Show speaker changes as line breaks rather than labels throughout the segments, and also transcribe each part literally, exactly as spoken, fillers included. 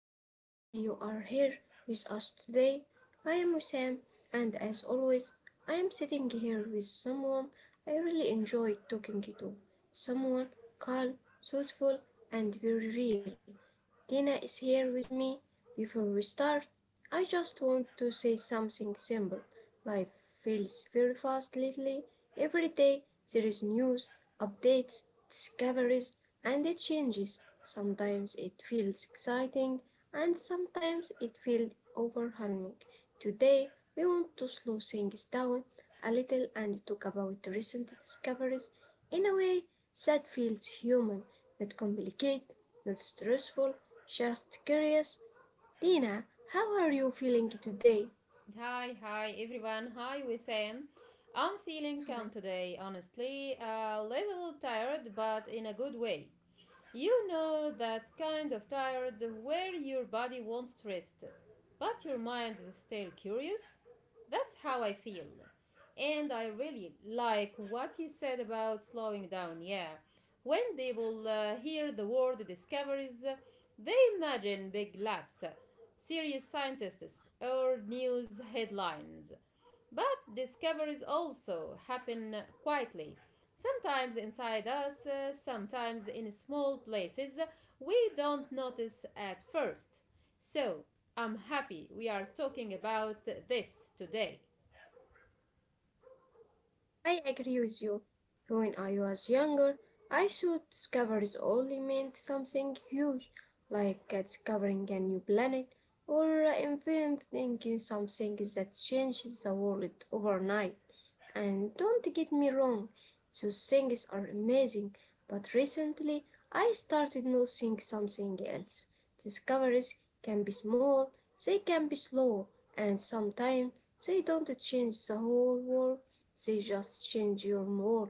I am really happy you are here with us today. I am Wissam, and as always, I am sitting here with someone I really enjoy talking to. Someone calm, thoughtful, and very real. Dina is here with me. Before we start, I just want to say something simple. Life feels very fast lately. Every day there is news, updates, discoveries, and it changes. Sometimes it feels exciting and sometimes it feels overwhelming. Today, we want to slow things down a little and talk about recent discoveries in a way that feels human, not complicated, not stressful, just curious. Dina, how are you feeling today?
Hi, hi everyone. Hi, Wissam. I'm feeling
Hi.
calm today, honestly. A little tired, but in a good way. You know that kind of tired where your body wants rest, but your mind is still curious? That's how I feel. And I really like what you said about slowing down. Yeah. When people uh, hear the word discoveries, uh, they imagine big labs, uh, serious scientists, or news headlines. But discoveries also happen quietly. Sometimes inside us, uh, sometimes in small places we don't notice at first. So, I'm happy we are talking about this today.
I agree with you. When I was younger, I thought discoveries only meant something huge, like uh, discovering a new planet or uh, inventing something that changes the world overnight. And don't get me wrong, those things are amazing, but recently I started noticing something else. Discoveries can be small, they can be slow, and sometimes they don't change the whole world, they just change your world.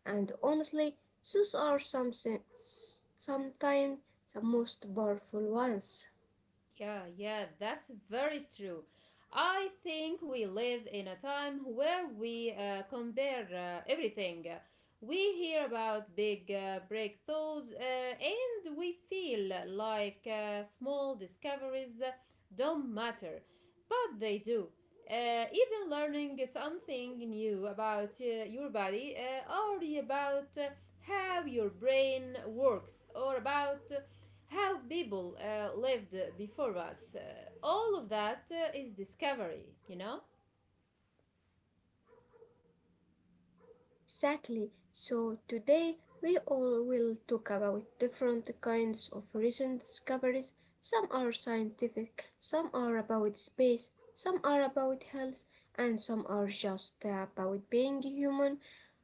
And honestly, those are something, sometimes the most powerful ones.
Yeah, yeah, that's very true. I think we live in a time where we uh, compare uh, everything. We hear about big uh, breakthroughs uh, and we feel like uh, small discoveries don't matter. But they do. Uh, even learning something new about uh, your body uh, or about uh, how your brain works or about uh, how people uh, lived before us. Uh, all of that uh, is discovery, you know?
Exactly. So today we all will talk about different kinds of recent discoveries. Some are scientific, some are about space, some are about health, and some are just about being human.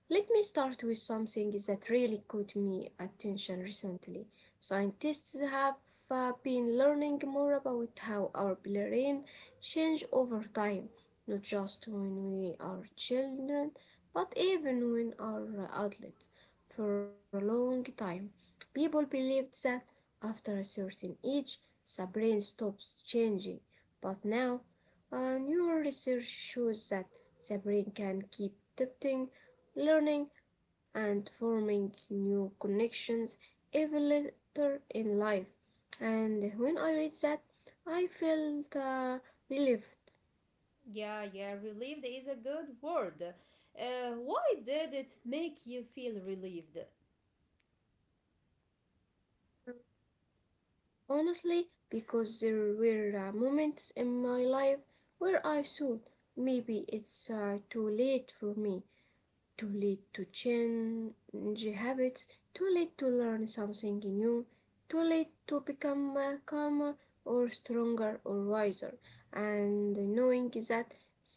Let me start with something that really caught me attention recently. Scientists have uh, been learning more about how our brain change over time, not just when we are children, but even when our outlets for a long time, people believed that after a certain age the brain stops changing. But now, uh, newer research shows that the brain can keep adapting, learning, and forming new connections even later in life. And when I read that, I felt uh, relief
Yeah, yeah, relieved is a good word. Uh, why did it make you feel relieved?
honestly, because there were uh, moments in my life where I thought maybe it's uh, too late for me, too late to change habits, too late to learn something new, too late to become uh, calmer or stronger or wiser. And knowing that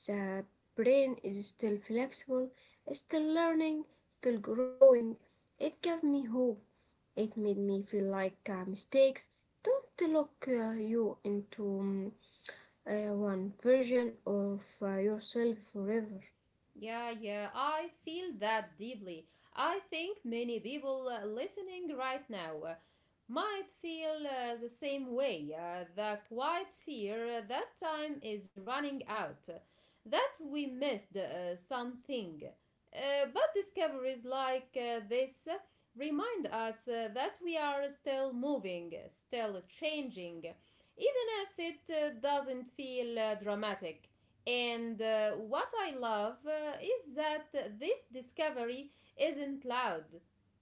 the brain is still flexible, still learning, still growing, it gave me hope. It made me feel like uh, mistakes don't lock uh, you into um, uh, one version of uh, yourself forever.
Yeah, yeah, I feel that deeply. I think many people uh, listening right now uh, might feel uh, the same way, uh, the quiet fear that time is running out, uh, that we missed uh, something. Uh, but discoveries like uh, this uh, remind us uh, that we are still moving, still changing, even if it uh, doesn't feel uh, dramatic. And uh, what I love uh, is that this discovery isn't loud,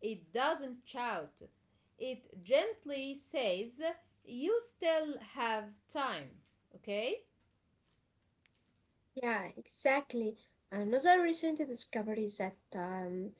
it doesn't shout, it gently says, "You still have time, okay?"
Yeah, exactly. Another recent discovery is that um,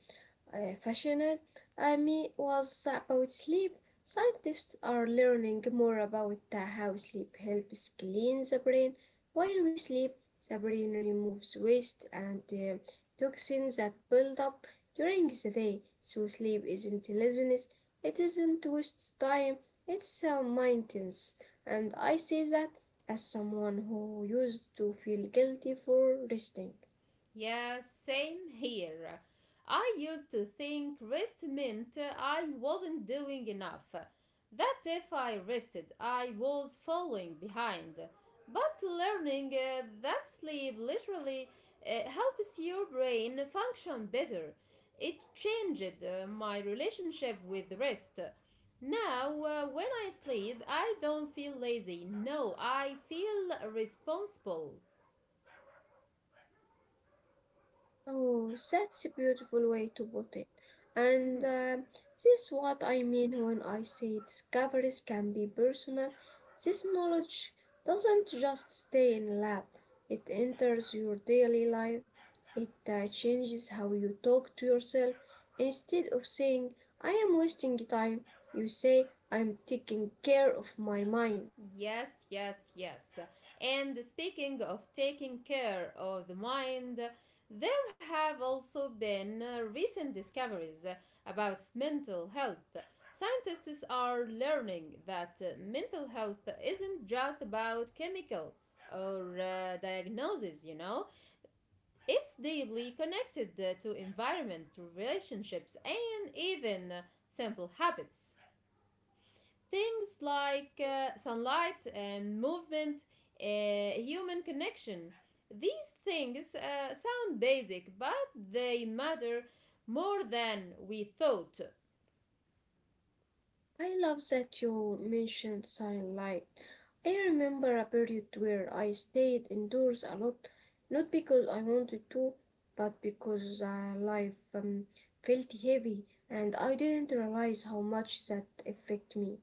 uh, passionate. I mean, was about sleep. Scientists are learning more about uh, how sleep helps clean the brain. While we sleep, the brain removes waste and uh, toxins that build up during the day. So sleep isn't laziness. It isn't waste time. It's uh, maintenance. And I say that as someone who used to feel guilty for resting.
Yeah, same here. I used to think rest meant I wasn't doing enough, that if I rested, I was falling behind. But learning uh, that sleep literally uh, helps your brain function better. It changed uh, my relationship with rest. Now, uh, when I sleep, I don't feel lazy. No, I feel responsible.
Oh, that's a beautiful way to put it. And
Mhm.
uh, This is what I mean when I say discoveries can be personal. This knowledge doesn't just stay in a lab, it enters your daily life. It uh, changes how you talk to yourself. Instead of saying, I am wasting time, you say, I am taking care of my mind.
Yes, yes, yes. And speaking of taking care of the mind, there have also been uh, recent discoveries about mental health. Scientists are learning that uh, mental health isn't just about chemical or uh, diagnoses, you know, it's deeply connected uh, to environment, to relationships, and even uh, simple habits. Things like uh, sunlight and movement, uh, human connection. These things uh, sound basic, but they matter more than we thought.
I love that you mentioned sunlight. I remember a period where I stayed indoors a lot, not because I wanted to, but because uh, life um, felt heavy and I didn't realize how much that affected me.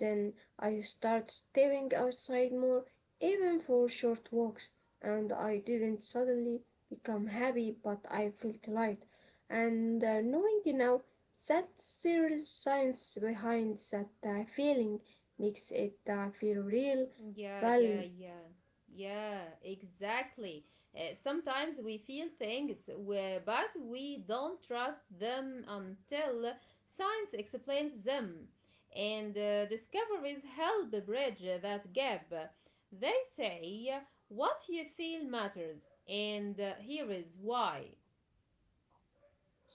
Then I started stepping outside more, even for short walks, and I didn't suddenly become happy, but I felt light. And uh, knowing now that there is science behind that uh, feeling makes it uh, feel real,
Yeah,
valid.
yeah, yeah. Yeah, exactly. Uh, sometimes we feel things, where, but we don't trust them until science explains them. And uh, discoveries help bridge that gap. They say what you feel matters, and uh, here is why.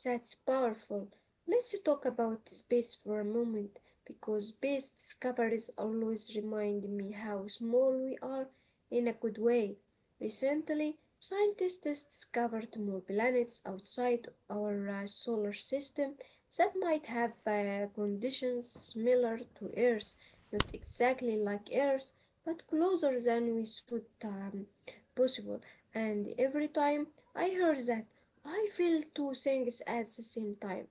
That's powerful. Let's talk about space for a moment because space discoveries always remind me how small we are in a good way. Recently, scientists discovered more planets outside our uh, solar system that might have uh, conditions similar to Earth, not exactly like Earth, but closer than we thought um, possible. And every time I heard that, I feel two things at the same time,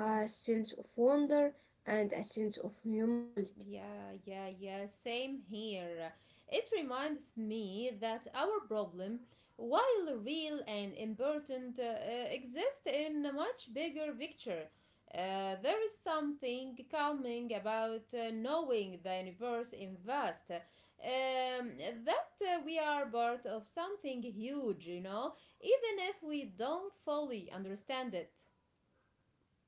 a sense of wonder and a sense of humility.
Yeah, yeah, yeah. Same here. It reminds me that our problem, while real and important, uh, uh, exists in a much bigger picture. Uh, there is something calming about uh, knowing the universe in vast. Um, that uh, we are part of something huge, you know, even if we don't fully understand it.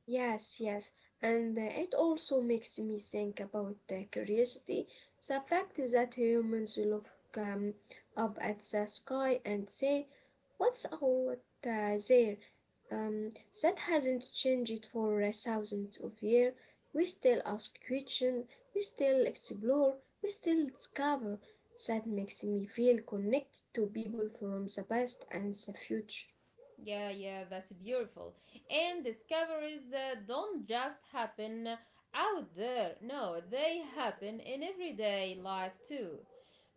Yes, yes, and uh, it also makes me think about uh, curiosity, the fact that humans look um, up at the sky and say, what's out uh, there? Um, that hasn't changed for a thousand of years. We still ask questions, we still explore, we still discover. That makes me feel connected to people from the past and the future.
Yeah, yeah, that's beautiful. And discoveries uh, don't just happen out there. No, they happen in everyday life too.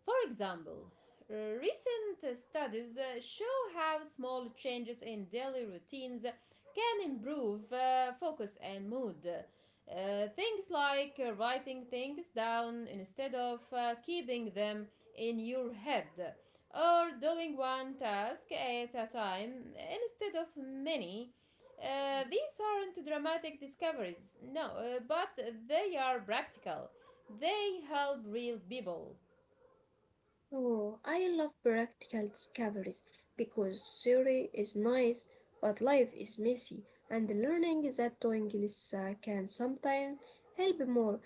For example, uh, recent uh, studies uh, show how small changes in daily routines can improve uh, focus and mood. Uh, things like uh, writing things down instead of uh, keeping them in your head, or doing one task at a time instead of many. Uh, these aren't dramatic discoveries, no, uh, but they are practical. They help real people.
Oh, I love practical discoveries because theory is nice, but life is messy, and learning that doing this uh, can sometimes help more.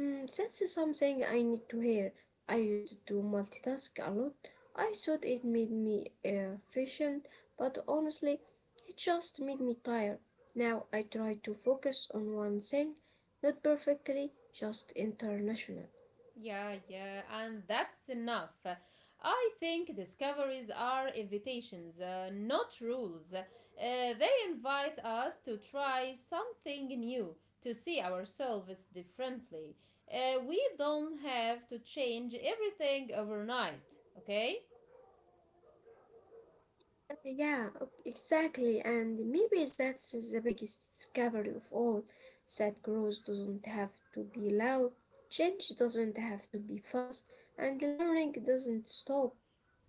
Mm, that's something I need to hear. I used to multitask a lot. I thought it made me uh, efficient, but honestly, it just made me tired. Now I try to focus on one thing, not perfectly, just international.
Yeah, yeah, and that's enough. I think discoveries are invitations, uh, not rules. Uh, they invite us to try something new, to see ourselves differently. Uh, we don't have to change everything overnight, okay?
Uh, Yeah, ok- exactly, and maybe that's the biggest discovery of all, that growth doesn't have to be loud, change doesn't have to be fast, and learning doesn't stop.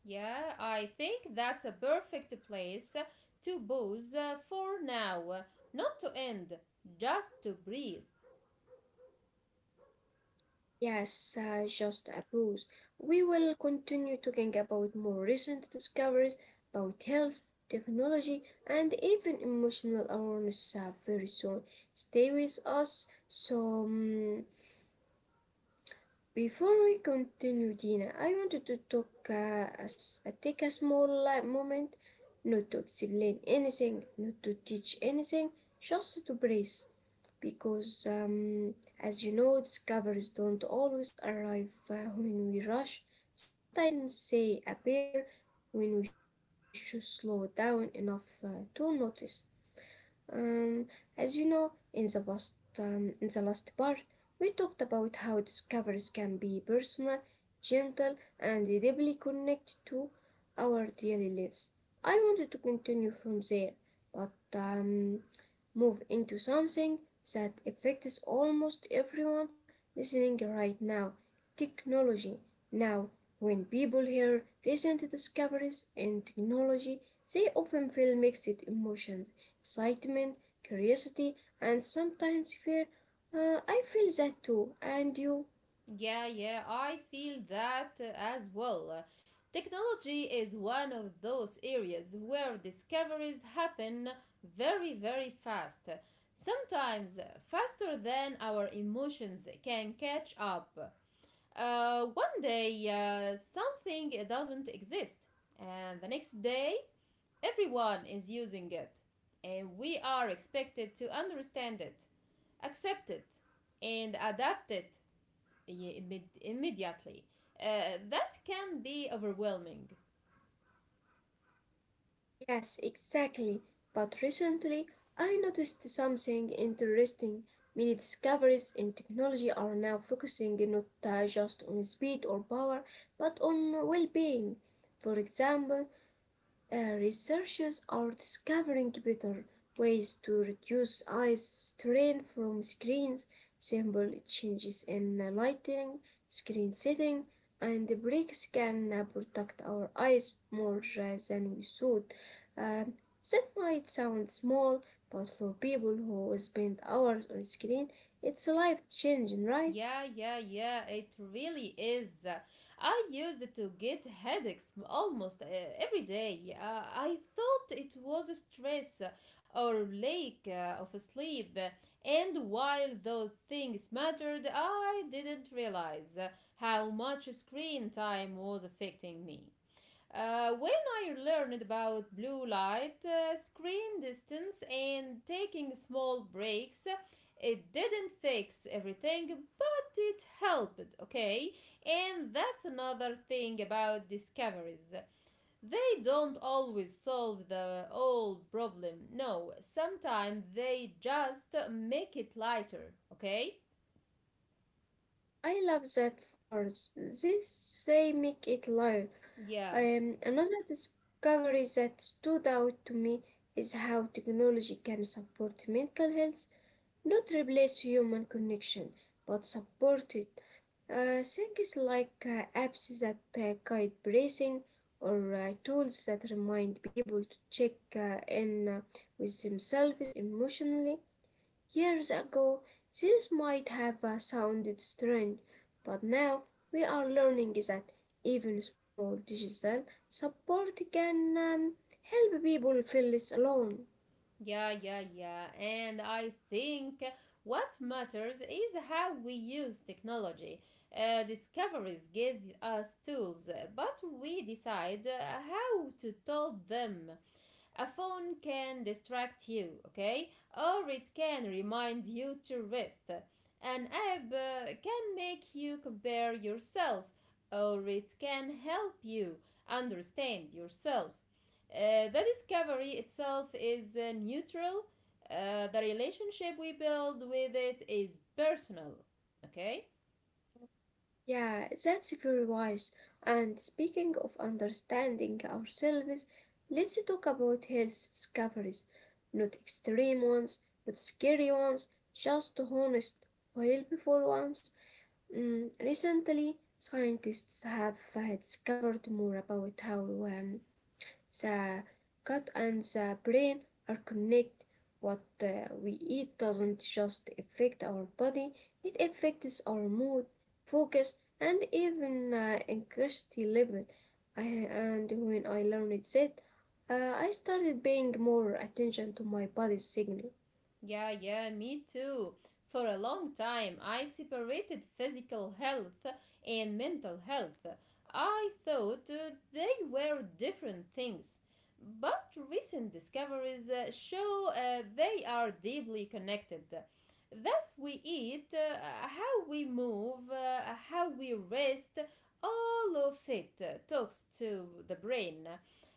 Yeah, I think that's a perfect place to pause uh, for now, not to end, just to breathe.
Yes, uh, just a boost. We will continue talking about more recent discoveries about health, technology, and even emotional awareness uh, very soon. Stay with us. So, mm, before we continue, Dina, I wanted to talk, uh, as, uh, take a small uh, moment, not to explain anything, not to teach anything, just to breathe because, um, as you know, discoveries don't always arrive uh, when we rush. Sometimes they appear when we should slow down enough uh, to notice. Um, as you know, in the past, um, in the last part, we talked about how discoveries can be personal, gentle, and deeply connected to our daily lives. I wanted to continue from there, but um, move into something that affects almost everyone listening right now, technology. Now, when people hear recent discoveries in technology, they often feel mixed emotions, excitement, curiosity, and sometimes fear. Uh, I feel that too, and you?
Yeah, yeah, I feel that uh, as well. Uh, Technology is one of those areas where discoveries happen very, very fast. Sometimes faster than our emotions can catch up. Uh, one day, uh, something doesn't exist, and the next day, everyone is using it, and we are expected to understand it, accept it, and adapt it i- immedi- immediately. Uh, that can be overwhelming.
Yes, exactly. But recently, I noticed something interesting. Many discoveries in technology are now focusing not uh, just on speed or power, but on well being. For example, uh, researchers are discovering better ways to reduce eye strain from screens, simple changes in lighting, screen setting, and breaks can uh, protect our eyes more uh, than we should. Um, that might sound small, but for people who spend hours on screen, it's life changing, right?
Yeah, yeah, yeah, it really is. I used to get headaches almost uh, every day. Uh, I thought it was stress or lack uh, of sleep. And while those things mattered, I didn't realize how much screen time was affecting me. Uh, when I learned about blue light, uh, screen distance, and taking small breaks, it didn't fix everything, but it helped, okay? And that's another thing about discoveries. They don't always solve the old problem, no, sometimes they just make it lighter, okay?
I love that for this they make it light.
Yeah.
Um, another discovery that stood out to me is how technology can support mental health, not replace human connection, but support it. Uh, things like uh, apps that uh, guide breathing or uh, tools that remind people to check uh, in uh, with themselves emotionally. Years ago this might have uh, sounded strange, but now we are learning that even small digital support can um, help people feel less alone.
Yeah, yeah, yeah. And I think what matters is how we use technology. Uh, discoveries give us tools, but we decide uh, how to tell them. A phone can distract you, okay? Or it can remind you to rest. An app uh, can make you compare yourself, or it can help you understand yourself. Uh, the discovery itself is uh, neutral. Uh, the relationship we build with it is personal, okay?
Yeah, that's very wise. And speaking of understanding ourselves, let's talk about health discoveries. Not extreme ones, not scary ones, just honest, helpful ones. Mm, recently, scientists have uh, discovered more about how um, the gut and the brain are connected. What uh, we eat doesn't just affect our body, it affects our mood, focus, and even uh, anxiety level. I, and when I learned that, uh, I started paying more attention to my body's signal.
Yeah, yeah, me too. For a long time, I separated physical health and mental health. I thought uh, they were different things. But recent discoveries uh, show uh, they are deeply connected. That we eat, uh, how we move, uh, how we rest, all of it uh, talks to the brain,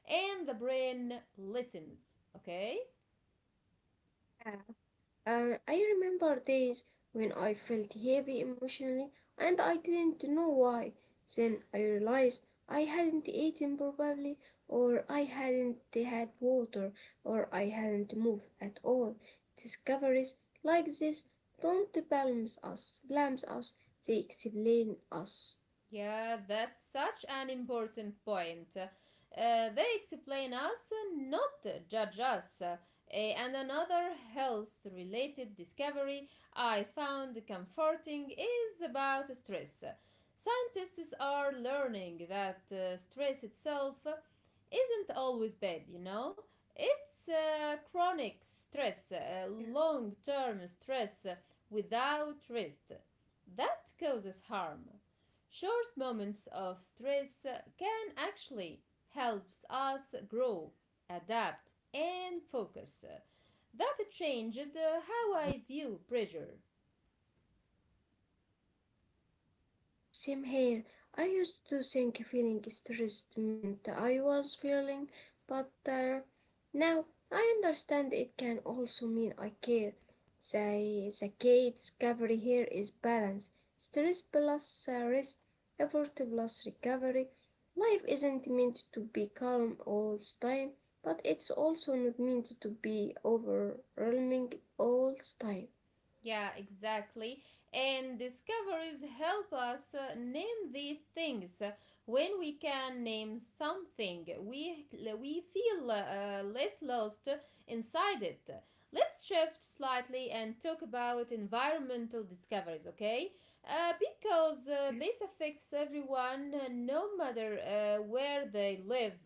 and the brain listens, okay?
Uh, I remember days when I felt heavy emotionally and I didn't know why. Then I realized I hadn't eaten properly, or I hadn't had water, or I hadn't moved at all. Discoveries like this don't blame us, blame us, they explain us.
Yeah, that's such an important point. Uh, they explain us, uh, not judge us. Uh, and another health related discovery I found comforting is about stress. Scientists are learning that uh, stress itself isn't always bad, you know? It's uh, chronic stress, uh,
Yes.
long term stress uh, without rest that causes harm. Short moments of stress can actually help us grow, adapt, and focus. That changed how I view pressure.
Same here. I used to think feeling stressed meant I was feeling, but uh, now I understand it can also mean I care. The, the key discovery here is balance. Stress plus uh, rest, effort plus recovery. Life isn't meant to be calm all the time, but it's also not meant to be overwhelming all the time.
Yeah, exactly. And discoveries help us uh, name the things. When we can name something, we we feel uh, less lost inside it. Let's shift slightly and talk about environmental discoveries, okay? Uh, because uh, this affects everyone, uh, no matter uh, where they live.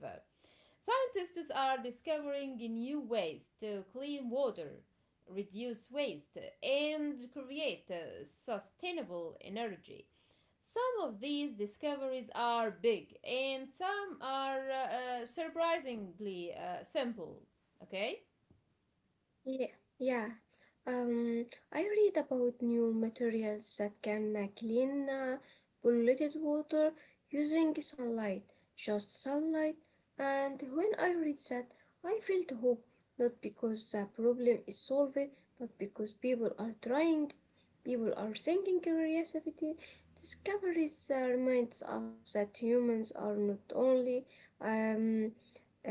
Scientists are discovering new ways to clean water, reduce waste, and create uh, sustainable energy. Some of these discoveries are big, and some are uh, uh, surprisingly uh, simple. Okay?
Yeah, yeah. Um, I read about new materials that can uh, clean uh, polluted water using sunlight, just sunlight. And when I read that, I felt hope, not because the problem is solved, but because people are trying, people are thinking creativity. Discoveries uh, reminds us that humans are not only um,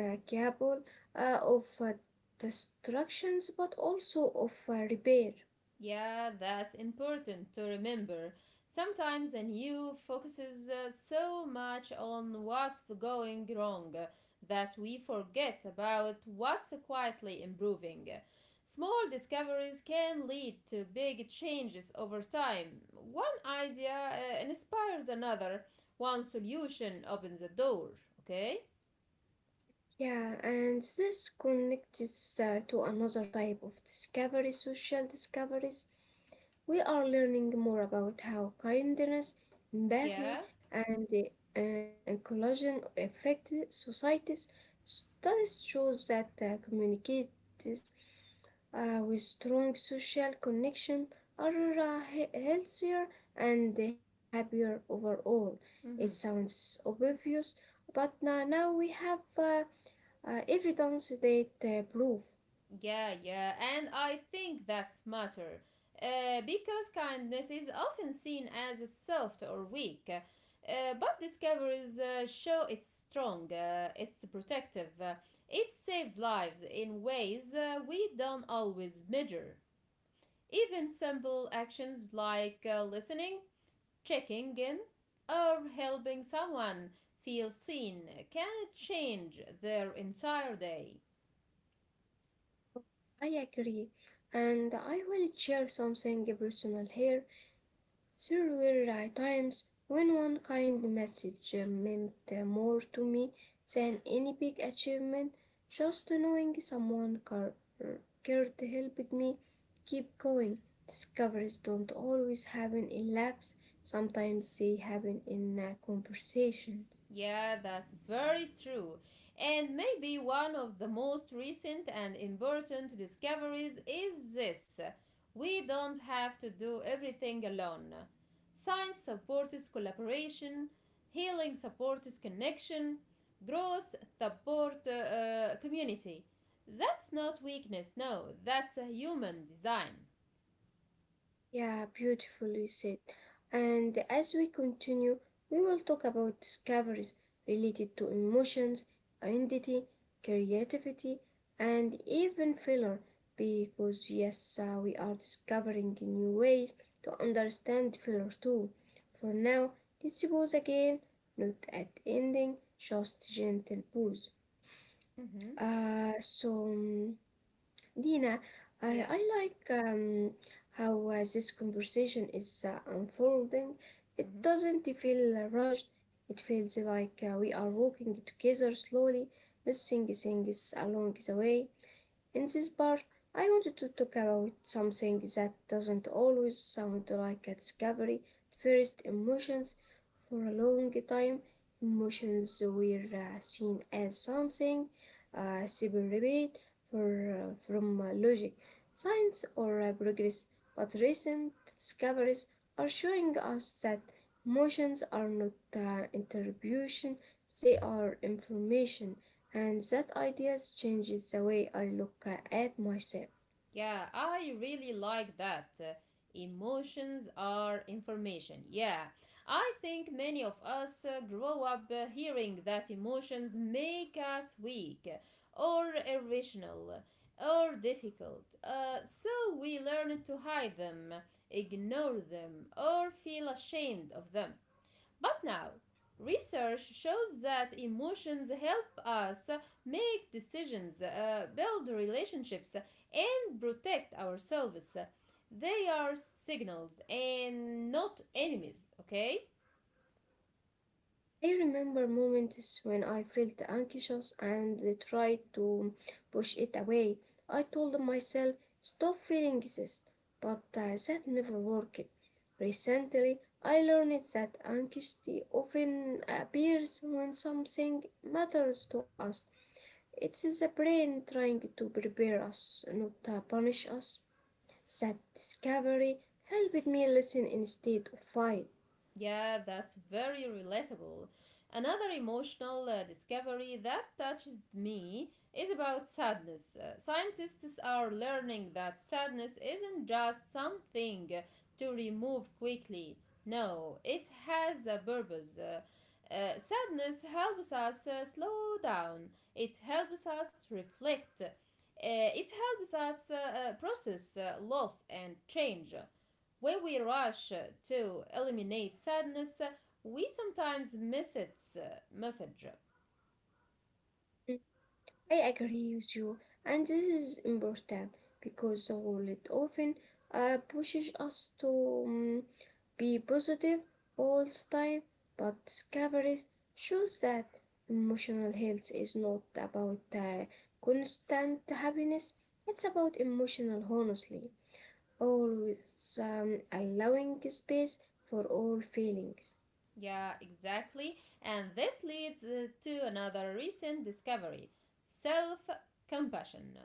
uh, capable uh, of uh, destructions but also of uh, repair.
Yeah, that's important to remember. Sometimes the new focuses uh, so much on what's going wrong uh, that we forget about what's quietly improving. Small discoveries can lead to big changes over time. One idea uh, inspires another, one solution opens a door, okay?
Yeah, and this connects uh, to another type of discovery, social discoveries. We are learning more about how kindness, empathy,
Yeah.
and uh, inclusion affect societies. Studies shows that uh, communities uh, with strong social connection are uh, healthier and happier overall. It
Mm-hmm.
sounds obvious, but uh, now we have uh, uh, evidence that uh, prove.
Yeah, yeah, and I think that's matter. Uh, because kindness is often seen as soft or weak, uh, but discoveries uh, show it's strong, uh, it's protective, uh, it saves lives in ways uh, we don't always measure. Even simple actions like uh, listening, checking in, or helping someone feel seen can change their entire day.
I agree, and I will share something personal here. There were uh, times when one kind message uh, meant uh, more to me than any big achievement. Just knowing someone car- cared helped me keep going. Discoveries don't always happen in labs, sometimes they happen in uh, conversations.
Yeah, that's very true. And maybe one of the most recent and important discoveries is this: we don't have to do everything alone. Science supports collaboration, healing supports connection, growth supports uh, uh, community. That's not weakness, no, that's a human design.
Yeah, beautifully said. And as we continue, we will talk about discoveries related to emotions, identity, creativity, and even failure, because yes, uh, we are discovering new ways to understand failure too. For now, let's pause again, not at ending, just gentle pause.
Mm-hmm.
Uh, so. mm, Dina, I,
Yeah.
I like um, how uh, this conversation is uh, unfolding. It
Mm-hmm.
doesn't feel rushed. It feels like uh, we are walking together slowly, missing things along the way. In this part, I wanted to talk about something that doesn't always sound like a discovery first emotions. For a long time, emotions were uh, seen as something uh, separate uh, from uh, logic, science, or uh, progress, but recent discoveries are showing us that emotions are not uh, interpretation, they are information and that ideas changes the way I look at myself.
Yeah, I really like that. Uh, emotions are information. Yeah, I think many of us uh, grow up uh, hearing that emotions make us weak or irrational or difficult. Uh, so we learn to hide them, ignore them, or feel ashamed of them. But now, research shows that emotions help us make decisions, uh, build relationships, and protect ourselves. They are signals and not enemies, okay?
I remember moments when I felt anxious and tried to push it away. I told myself, stop feeling this, but uh, that never worked. Recently, I learned that anxiety often appears when something matters to us. It's the brain trying to prepare us, not uh, punish us. That discovery helped me listen instead of fight.
Yeah, that's very relatable. Another emotional uh, discovery that touches me is about sadness. Uh, scientists are learning that sadness isn't just something to remove quickly. No, it has a purpose. Uh, uh, sadness helps us uh, slow down, it helps us reflect. Uh, it helps us uh, uh, process uh, loss and change. When we rush to eliminate sadness, we sometimes miss its uh, message.
Mm, I agree with you, and this is important because the world often uh, pushes us to mm, be positive all the time, but discoveries shows that emotional health is not about uh, constant happiness. It's about emotional honesty, always um, allowing space for all feelings.
Yeah, exactly. And this leads uh, to another recent discovery, self compassion.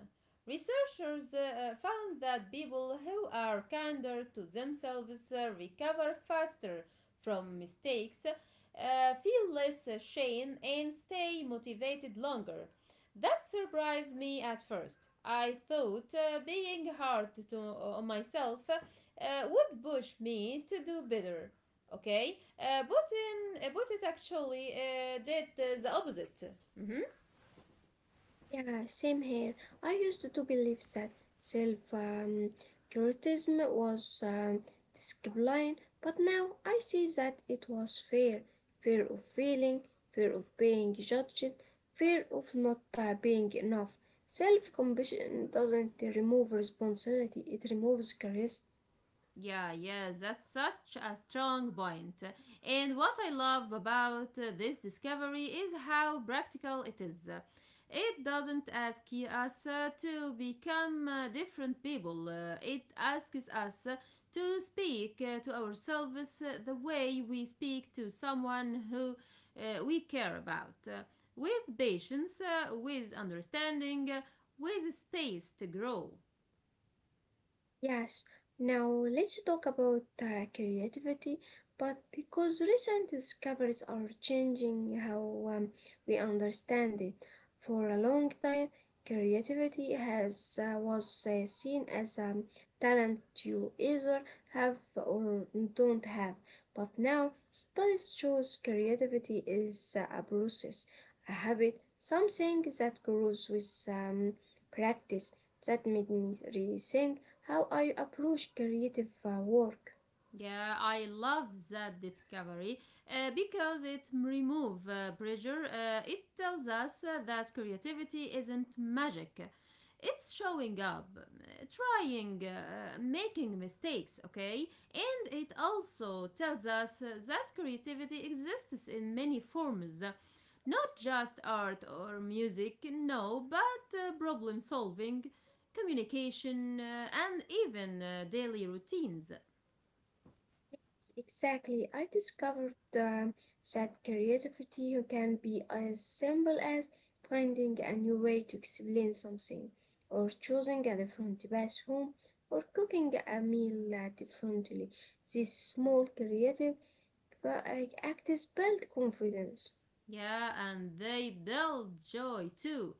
Researchers uh, uh, found that people who are kinder to themselves uh, recover faster from mistakes, uh, feel less shame, and stay motivated longer. That surprised me at first. I thought uh, being hard to uh, on myself uh, would push me to do better, okay? Uh, putin uh, putin actually uh, did uh, the opposite.
Yeah, same here. I used to believe that self um, criticism was um, discipline, but now I see that it was fear fear of failing, fear of being judged, fear of not uh, being enough. Self compassion doesn't remove responsibility, it removes curiosity.
Yeah, yes, that's such a strong point. And what I love about uh, this discovery is how practical it is. It doesn't ask us uh, to become uh, different people, uh, it asks us uh, to speak uh, to ourselves uh, the way we speak to someone who uh, we care about, uh, with patience, uh, with understanding, uh, with space to grow.
Yes, now let's talk about uh, creativity, but because recent discoveries are changing how um, we understand it. For a long time, creativity has uh, was uh, seen as a um, talent you either have or don't have. But now, studies shows creativity is uh, a process, a habit, something that grows with um, practice. That made me rethink how I approach creative uh, work.
Yeah, I love that discovery uh, because it removes uh, pressure. Uh, it tells us uh, that creativity isn't magic. It's showing up, uh, trying, uh, making mistakes, okay? And it also tells us uh, that creativity exists in many forms. Not just art or music, no, but uh, problem solving, communication, uh, and even uh, daily routines.
Exactly, I discovered um, that creativity can be as simple as finding a new way to explain something, or choosing a different path home, or cooking a meal uh, differently. These small creative uh, acts build confidence.
Yeah, and they build joy too.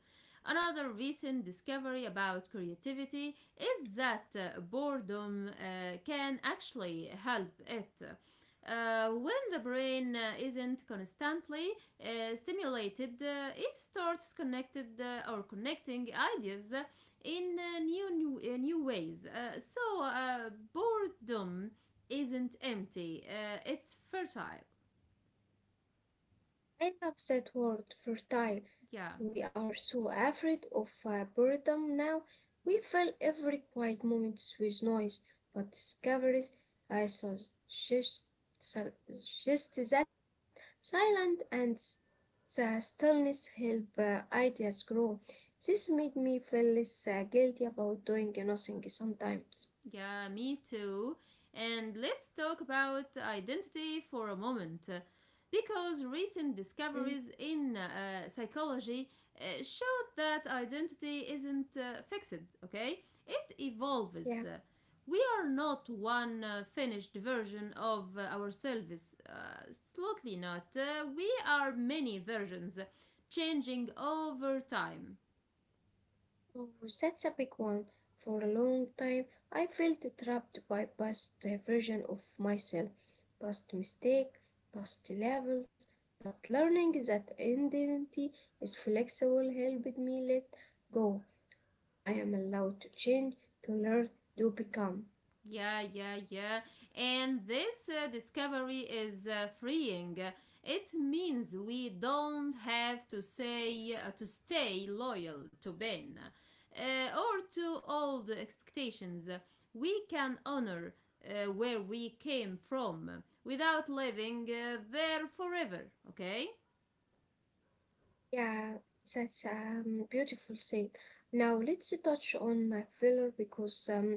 Another recent discovery about creativity is that uh, boredom uh, can actually help it. Uh, when the brain uh, isn't constantly uh, stimulated, uh, it starts connected uh, or connecting ideas uh, in uh, new new, uh, new ways. Uh, so uh, boredom isn't empty; uh, it's fertile.
I love that word, fertile.
Yeah.
We are so afraid of uh, boredom now. We fill every quiet moment with noise, but discoveries I suggest, suggest that silence and s- the stillness help uh, ideas grow. This made me feel less uh, guilty about doing nothing sometimes.
Yeah, me too. And let's talk about identity for a moment. uh, Because recent
Mm,
discoveries in uh, psychology uh, showed that identity isn't uh, fixed, okay? It
yeah.
evolves. Uh, We are not one uh, finished version of uh, ourselves. Uh, Absolutely not. Uh, we are many versions, changing over time.
Oh, that's a big one. For a long time, I felt trapped by past uh, version of myself, past mistake, past levels. But learning that identity is flexible helped me let go. I am allowed to change, to learn, to become.
Yeah, yeah, yeah. And this uh, discovery is uh, freeing. It means we don't have to say uh, to stay loyal to Ben uh, or to old expectations. We can honor uh, where we came from without living uh, there forever, okay?
Yeah, that's um, beautiful said. Now let's touch on uh, failure because um,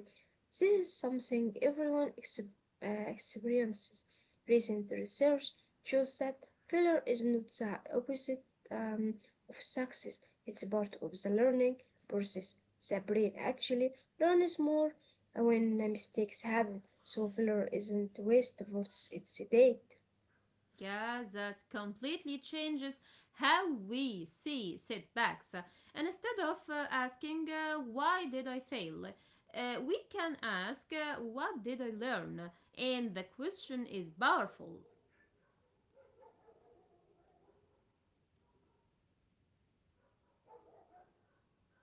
this is something everyone ex uh, experiences. Recent research shows that failure is not the opposite um, of success. It's part of the learning process. The brain actually learns more when mistakes happen. So failure isn't waste, it's a date.
Yeah, that completely changes how we see setbacks. And instead of uh, asking, uh, why did I fail? Uh, we can ask, uh, what did I learn? And the question is powerful.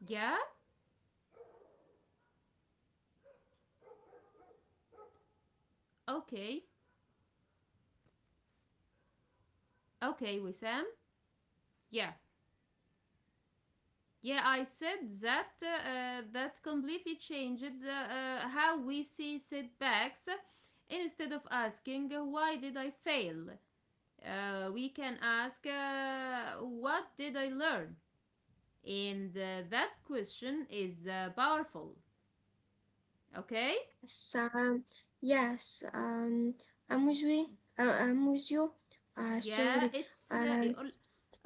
Yeah? Okay. Okay, Wissam? Yeah. Yeah, I said that uh, uh, that completely changed uh, uh, how we see setbacks. Instead of asking, uh, why did I fail? Uh, we can ask, uh, what did I learn? And uh, that question is uh, powerful, okay?
Yes, um, yes, um, I'm with you. Uh, I'm with you. Uh,
Yeah,
sorry.
it's uh,
Uh,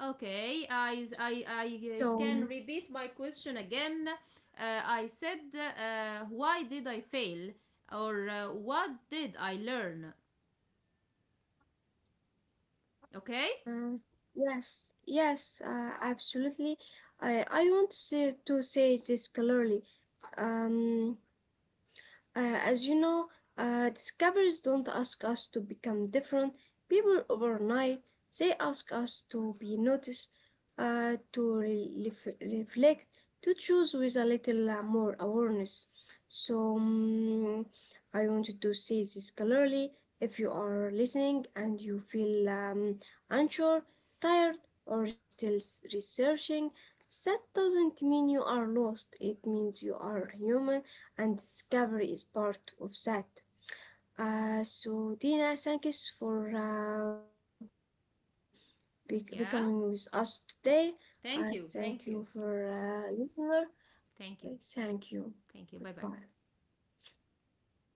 okay. I, I i uh, can
so,
repeat my question again. uh, I said, uh, why did I fail or uh, what did I learn? Okay?
uh, yes, yes, uh, absolutely. I, I want to say, to say this clearly. Um, Uh, as you know, uh, discoveries don't ask us to become different people overnight. They ask us to be noticed, uh, to re- ref- reflect, to choose with a little uh, more awareness. So, mm, I wanted to say this clearly. If you are listening and you feel um, unsure, tired, or still s- researching, that doesn't mean you are lost. It means you are human and discovery is part of that. Uh, so, Dina, thank you for um, be- becoming with us
Yeah,
today. I thank you for
thank you, thank
uh,
you.
listener. Thank
Thank
you.
you,
Goodbye.
thank you. Bye bye.
Bye bye.